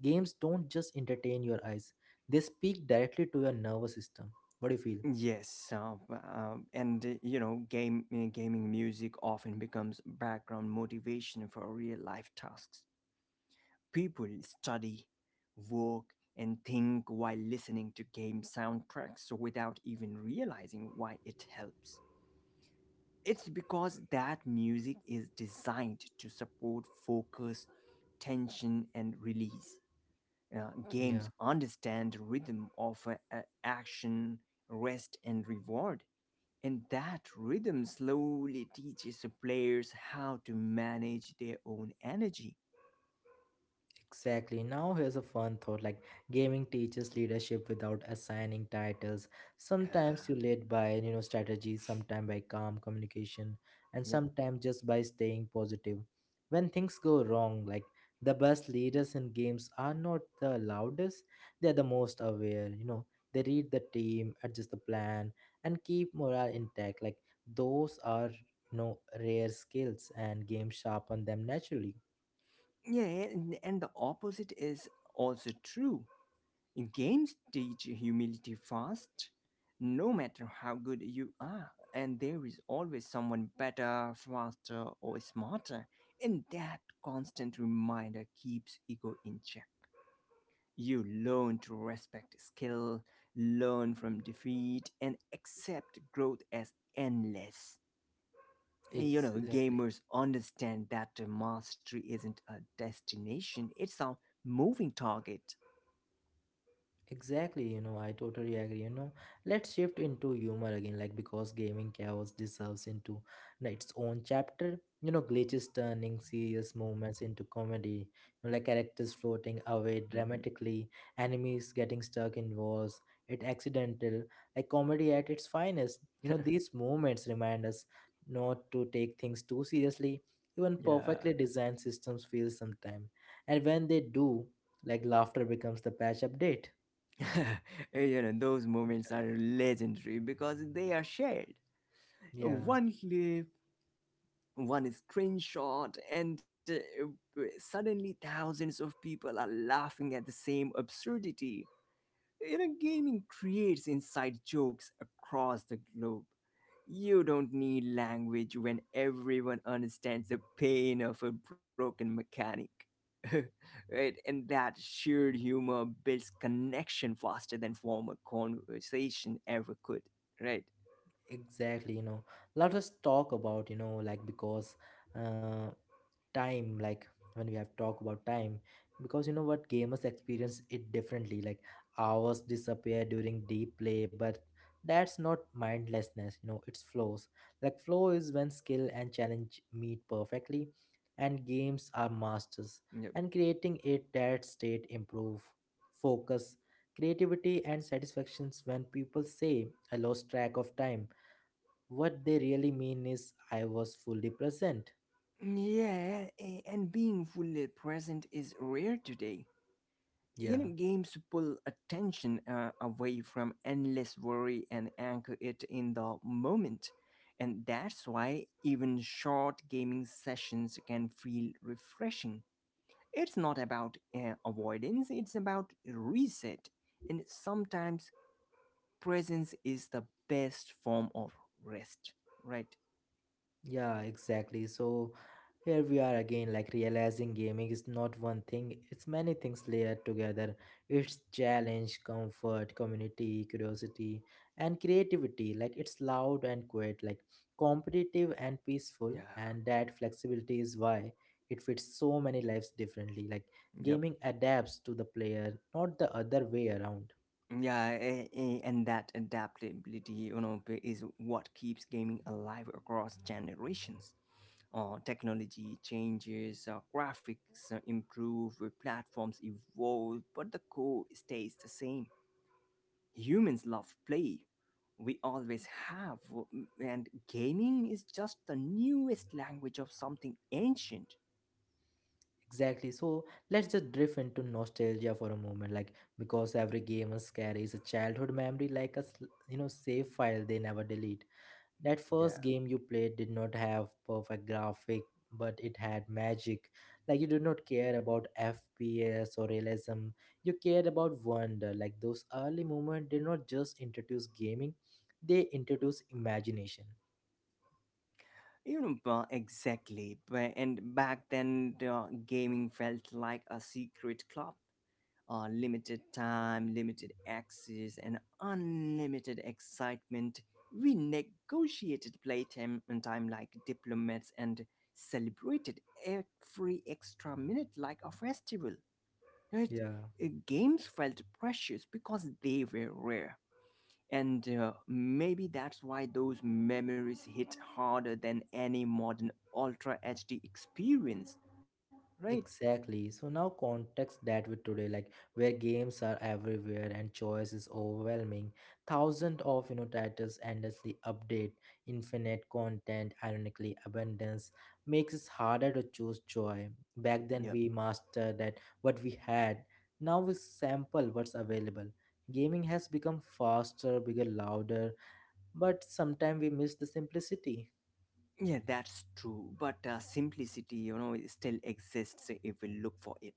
A: Games don't just entertain your eyes, they speak directly to your nervous system. What do you feel?
B: Yes, uh, b- uh, and uh, you know, game uh, gaming music often becomes background motivation for real life tasks. People study, work, and think while listening to game soundtracks without even realizing why it helps. It's because that music is designed to support focus, tension, and release. Uh,
A: Yeah.
B: games understand rhythm of uh, a- action, rest, and reward. And that rhythm slowly teaches players how to manage their own energy.
A: Exactly. Now, here's a fun thought, like gaming teaches leadership without assigning titles. Sometimes
B: Uh,
A: you lead by, you know, strategy, sometimes by calm communication, and
B: yeah,
A: sometimes just by staying positive. When things go wrong, like the best leaders in games are not the loudest, they're the most aware, you know, they read the team, adjust the plan, and keep morale intact. Like those are, you know, rare skills, and games sharpen them naturally.
B: Yeah, and, and the opposite is also true. Games teach humility fast, no matter how good you are, and there is always someone better, faster, or smarter. And that constant reminder keeps ego in check. You learn to respect skill, learn from defeat, and accept growth as endless. You know,
A: Exactly.
B: gamers understand that mastery isn't a destination, it's a moving target.
A: Exactly, you know, I totally agree. You know, let's shift into humor again, like because gaming chaos deserves into n- its own chapter. You know, glitches turning serious moments into comedy, you know, like characters floating away
B: Mhm.
A: dramatically, enemies getting stuck in walls, it accidental, like comedy at its finest. You know, these moments remind us not to take things too seriously. Even
B: Yeah.
A: perfectly designed systems fail sometimes, and when they do, like laughter becomes the patch update.
B: You know, those moments are legendary because they are shared.
A: Yeah.
B: One clip, one screenshot, and uh, suddenly thousands of people are laughing at the same absurdity. You know, gaming creates inside jokes across the globe. You don't need language when everyone understands the pain of a broken mechanic. Right? And that shared humor builds connection faster than formal conversation ever could, right?
A: Exactly, you know, let us talk about, you know, like because uh, time, like when we have talked about time, because you know what gamers experience it differently. Like hours disappear during deep play, but that's not mindlessness, you know, it's flows. Like flow is when skill and challenge meet perfectly, and games are masters,
B: Yep.
A: and creating it that state improve focus, creativity, and satisfactions when people say I lost track of time, what they really mean is I was fully present.
B: Yeah, a- and being fully present is rare today. You
A: Yeah,
B: know, games pull attention uh, away from endless worry and anchor it in the moment. And that's why even short gaming sessions can feel refreshing. It's not about uh, avoidance, it's about reset. And sometimes presence is the best form of rest, right?
A: yeah, exactly. So here we are again, like realizing gaming is not one thing, it's many things layered together. It's challenge, comfort, community, curiosity, and creativity. Like it's loud and quiet, like competitive and peaceful,
B: Yeah.
A: and that flexibility is why it fits so many lives differently, like
B: Yep.
A: gaming adapts to the player, not the other way around.
B: Yeah, a- a- and that adaptability, you know, b- is what keeps gaming alive across generations. Uh, technology changes, uh, graphics uh, improve, uh, platforms evolve, but the core stays the same. Humans love play. We always have, w- and gaming is just the newest language of something ancient.
A: Exactly. So let's just drift into nostalgia for a moment, like because every gamer carries a childhood memory, like a s- you know, save file they never delete. That
B: Yeah.
A: first game you played did not have perfect graphic, but it had magic. Like you did not care about F P S or realism. You cared about wonder. Like those early moments did not just introduce gaming; they introduced imagination.
B: You know, ba- exactly. Ba- And back then, the gaming felt like a secret club. Uh, limited time, limited access, and unlimited excitement. We negotiated playtime and time like diplomats and celebrated every extra minute like a festival. Right?
A: Yeah.
B: Uh, games felt precious because they were rare. And uh, maybe that's why those memories hit harder than any modern Ultra H D experience, right?
A: Exactly. So now context that with today, like where games are everywhere and choice is overwhelming, thousands of you know titles endlessly update, infinite content, ironically abundance makes it harder to choose joy.
B: Yeah.
A: Back then we mastered that what we had. Now we sample what's available. Gaming has become faster, bigger, louder, but sometimes we miss the simplicity.
B: Yeah, that's true. But uh, simplicity, you know, it still exists if we look for it.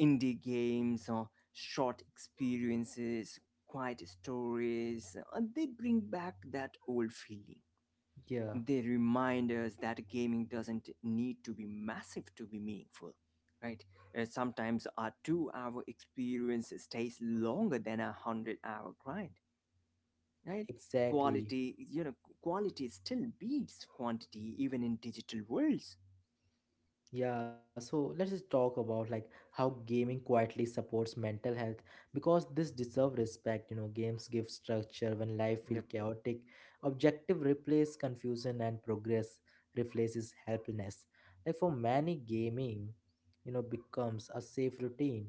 B: Indie games or short experiences, quiet stories, uh, they bring back that old feeling.
A: Yeah,
B: They remind us that gaming doesn't need to be massive to be meaningful, right? Uh, sometimes a two hour experience stays longer than a one hundred hour grind, right? Quality,
A: exactly.
B: you know, quality still beats quantity even in digital worlds.
A: Yeah, so let's just talk about like how gaming quietly supports mental health, because this deserve respect, you know, games give structure when life feel
B: Yep.
A: chaotic. Objective replace confusion and progress replaces helplessness. Like for many gaming, you know, becomes a safe routine,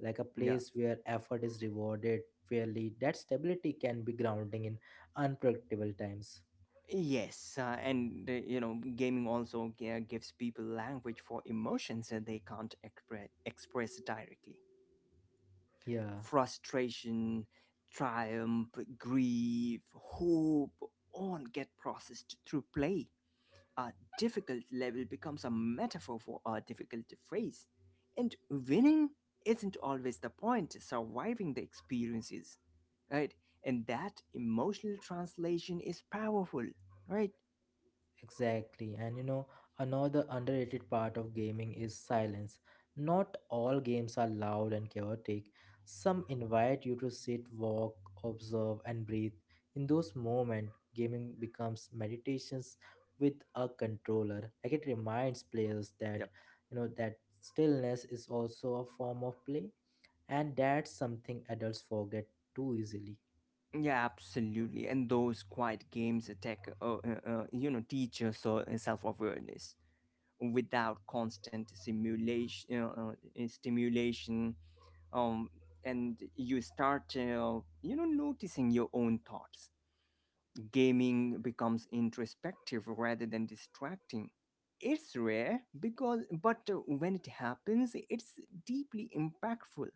A: like a
B: Yeah.
A: place where effort is rewarded fairly. That stability can be grounding in unpredictable times.
B: Yes, uh, and uh, you know, gaming also g- gives people language for emotions that they can't expre- express directly:
A: Yeah.
B: frustration, triumph, grief, hope, all get processed through play. A difficult level becomes a metaphor for a difficult phrase. And winning isn't always the point, surviving the experiences, right? And that emotional translation is powerful, right?
A: Exactly. And you know, another underrated part of gaming is silence. Not all games are loud and chaotic. Some invite you to sit, walk, observe, and breathe. In those moments, gaming becomes meditations with a controller. Like it reminds players that,
B: Yep.
A: you know, that stillness is also a form of play. And that's something adults forget too easily.
B: Yeah, absolutely. And those quiet games attack, uh, uh, uh, you know, teach us uh, self-awareness without constant simulation, uh, uh, uh, stimulation. Um, and you start, uh, you know, noticing your own thoughts. Gaming becomes introspective rather than distracting. It's rare because but uh, when it happens, it's deeply impactful,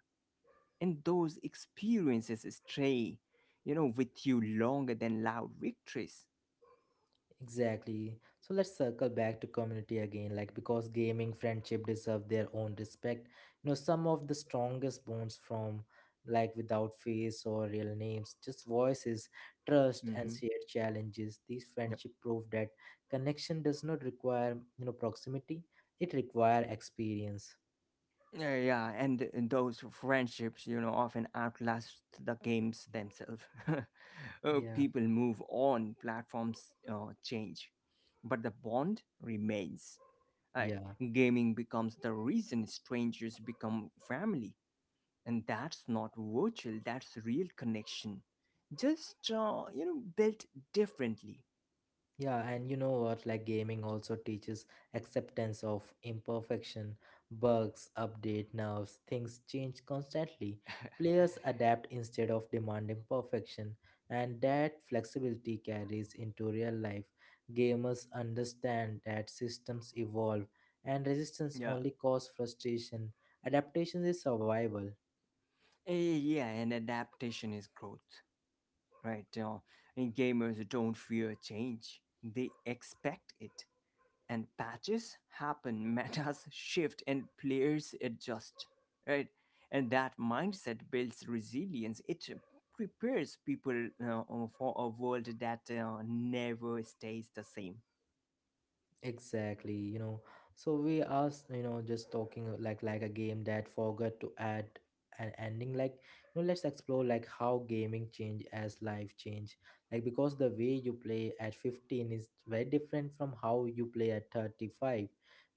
B: and those experiences stay, you know, with you longer than loud victories.
A: Exactly. So let's circle back to community again, like because gaming friendship deserve their own respect. You know, some of the strongest bonds from like without face or real names, just voices, trust and
B: Mhm.
A: shared challenges. These friendship prove that connection does not require, you know, proximity. It require experience.
B: Yeah, yeah, and and those friendships, you know, often outlast the games themselves. Uh,
A: Yeah.
B: people move on, platforms uh, change, but the bond remains. Right?
A: Yeah.
B: Gaming becomes the reason strangers become family, and that's not virtual. That's real connection, just uh, you know, built differently.
A: Yeah, and you know what? Like gaming also teaches acceptance of imperfection, bugs, update nerves, things change constantly. Players adapt instead of demanding perfection, and that flexibility carries into real life. Gamers understand that systems evolve and resistance
B: Yeah.
A: only causes frustration. Adaptation is survival.
B: Eh, Yeah, and adaptation is growth, right? Uh, and gamers don't fear change, they expect it. And patches happen, metas shift, and players adjust, right? And that mindset builds resilience. It prepares people uh, uh, for a world that uh, never stays the same.
A: Exactly, you know. So we are, s- you know, just talking uh, like like a game that forgot to add an ending. Like, you know, let's explore like how gaming change as life change. Like because the way you play at fifteen is very different from how you play at thirty-five.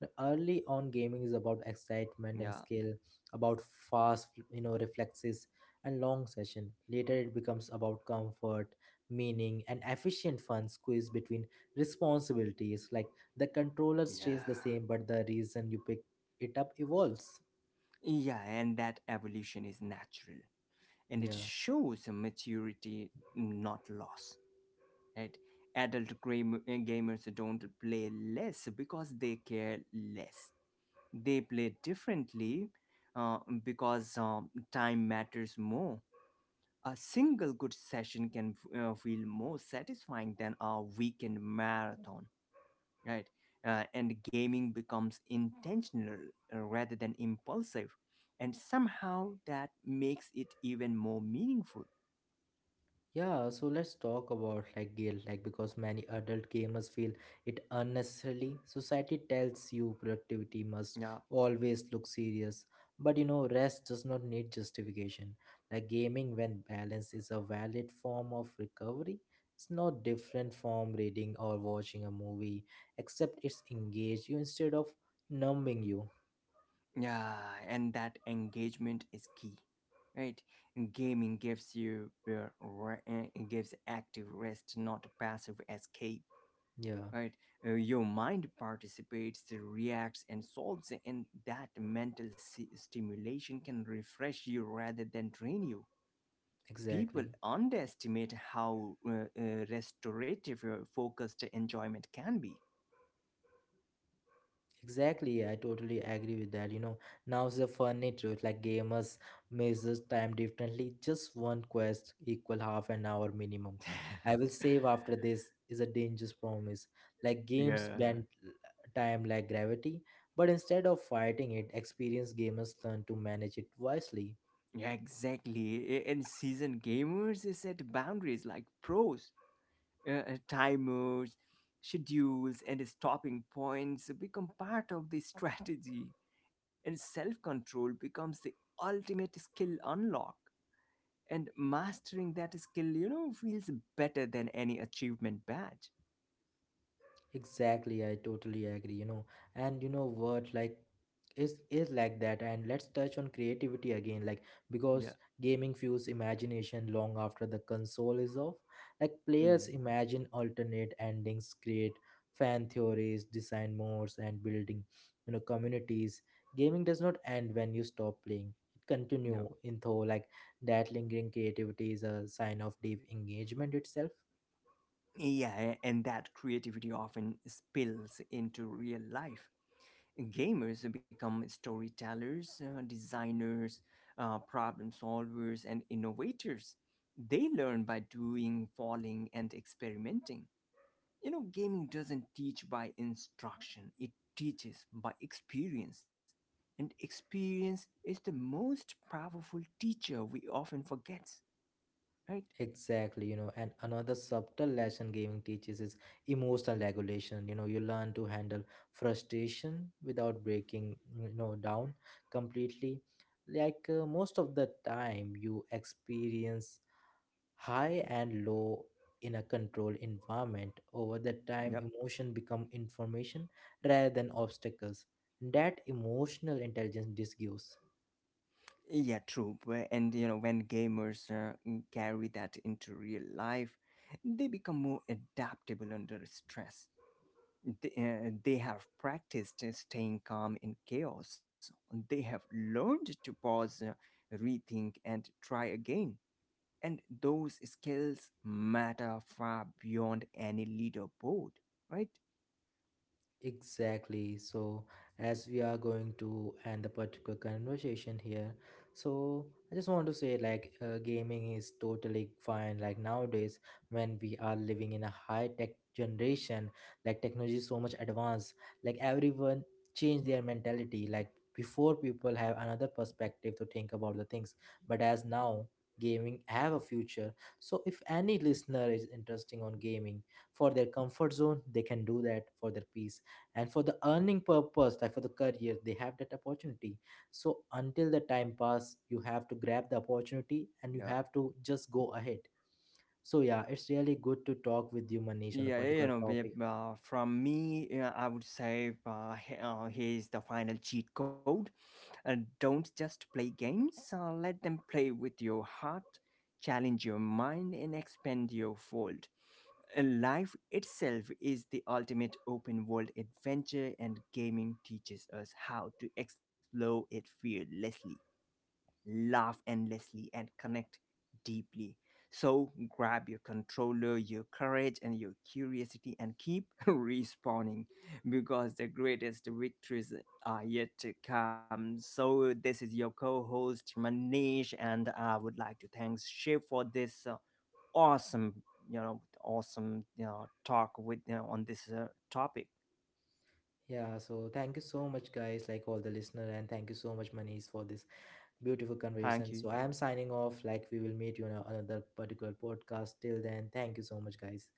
A: Now, early on gaming is about excitement and
B: Yeah.
A: skill, about fast, you know, reflexes and long session. Later it becomes about comfort, meaning and efficient fun squeezed between responsibilities, like the controller stays the
B: Yeah.
A: same but the reason you pick it up evolves.
B: Yeah, and that evolution is natural. And it
A: Yeah,
B: shows maturity, not loss, right? Adult gram- uh, gamers don't play less because they care less, they play differently, uh, because um, time matters more. A single good session can f- uh, feel more satisfying than a weekend marathon, right? Uh, and gaming becomes intentional, uh, rather than impulsive, and somehow that makes it even more meaningful.
A: yeah, so let's talk about like guilt, like because many adult gamers feel it unnecessarily. Society tells you productivity must
B: Yeah,
A: always look serious, but you know rest does not need justification. Like gaming, when balanced, is a valid form of recovery. It's no different from reading or watching a movie, except it's engage you instead of numbing you.
B: yeah, and that engagement is key, right? Gaming gives you uh, re- uh, it gives active rest, not passive escape,
A: Yeah,
B: right? Uh, your mind participates, reacts, and solves, and that mental si- stimulation can refresh you rather than drain you. People
A: exactly.
B: underestimate how uh, uh, restorative uh, focused enjoyment can be.
A: Exactly, I totally agree with that. You know, now's the funny truth. Like gamers measure time differently. Just one quest equal half an hour minimum. I will save after this is a dangerous promise. Like games
B: Yeah.
A: bend l- time like gravity, but instead of fighting it, experienced gamers learn to manage it wisely.
B: Yeah, exactly. A- And seasoned gamers set boundaries like pros: uh, uh, timers, schedules, and stopping points become part of the strategy. And self control becomes the ultimate skill unlock. And mastering that skill, you know, feels better than any achievement badge.
A: Exactly, I totally agree, you know. And you know what, like is is like that, and let's touch on creativity again, like
B: Yeah.
A: because gaming fuels imagination long after the console is off, like players
B: Mm,
A: imagine alternate endings, create fan theories, design modes, and building, you know, communities. Gaming does not end when you stop playing, it
B: yeah.
A: continue in though, like that lingering creativity is a sign of deep engagement itself.
B: Yeah, a- and that creativity often spills into real life. Gamers become storytellers, uh, designers, uh, problem solvers, and innovators. They learn by doing, falling, and experimenting. You know, gaming doesn't teach by instruction, it teaches by experience. And experience is the most powerful teacher we often forget, right?
A: Exactly, you know, and another subtle lesson gaming teaches is emotional regulation. You know, you learn to handle frustration without breaking, you know, down completely. Like uh, most of the time, you experience high and low in a controlled environment. Over the time,
B: Yep.
A: emotion become information rather than obstacles. That emotional intelligence this gives.
B: Yeah, true. Wh- And you know, when gamers uh, carry that into real life, they become more adaptable under stress. They, uh, they have practiced uh, staying calm in chaos. They have learned to pause, uh, rethink, and try again. And those skills matter far beyond any leaderboard, right?
A: Exactly. So, as we are going to end the particular conversation here, so I just want to say like uh, gaming is totally fine. Like nowadays, when we are living in a high tech generation, like technology is so much advanced, like everyone change their mentality. Like before, people have another perspective to think about the things, but as now gaming have a future, so if any listener is interesting on gaming for their comfort zone they can do that for their peace and for the earning purpose, like for the career they have that opportunity. So until the time pass you have to grab the opportunity and you
B: Yeah.
A: have to just go ahead. So yeah, it's really good to talk with you, Manish, on a
B: Yeah, you
A: particular
B: know,
A: topic.
B: we- uh, from me, yeah, I would say, uh, he- uh, here's the final cheat code. Uh, don't just play games, uh, let them play with your heart, challenge your mind, and expand your world. Uh, Life itself is the ultimate open world adventure, and gaming teaches us how to explore it fearlessly, laugh endlessly, and connect deeply. So grab your controller, your courage, and your curiosity and keep respawning, because the greatest victories are yet to come. So this is your co-host Manish, and I would like to thank Shiv for this uh, awesome, you know, awesome you know, talk with you know, on this uh, topic.
A: Yeah, so thank you so much guys, like all the listener, and thank you so much Manish for this beautiful
B: Thank
A: conversation.
B: you.
A: So I am signing off, like we will meet you on a- another particular podcast. Till then, thank you so much guys.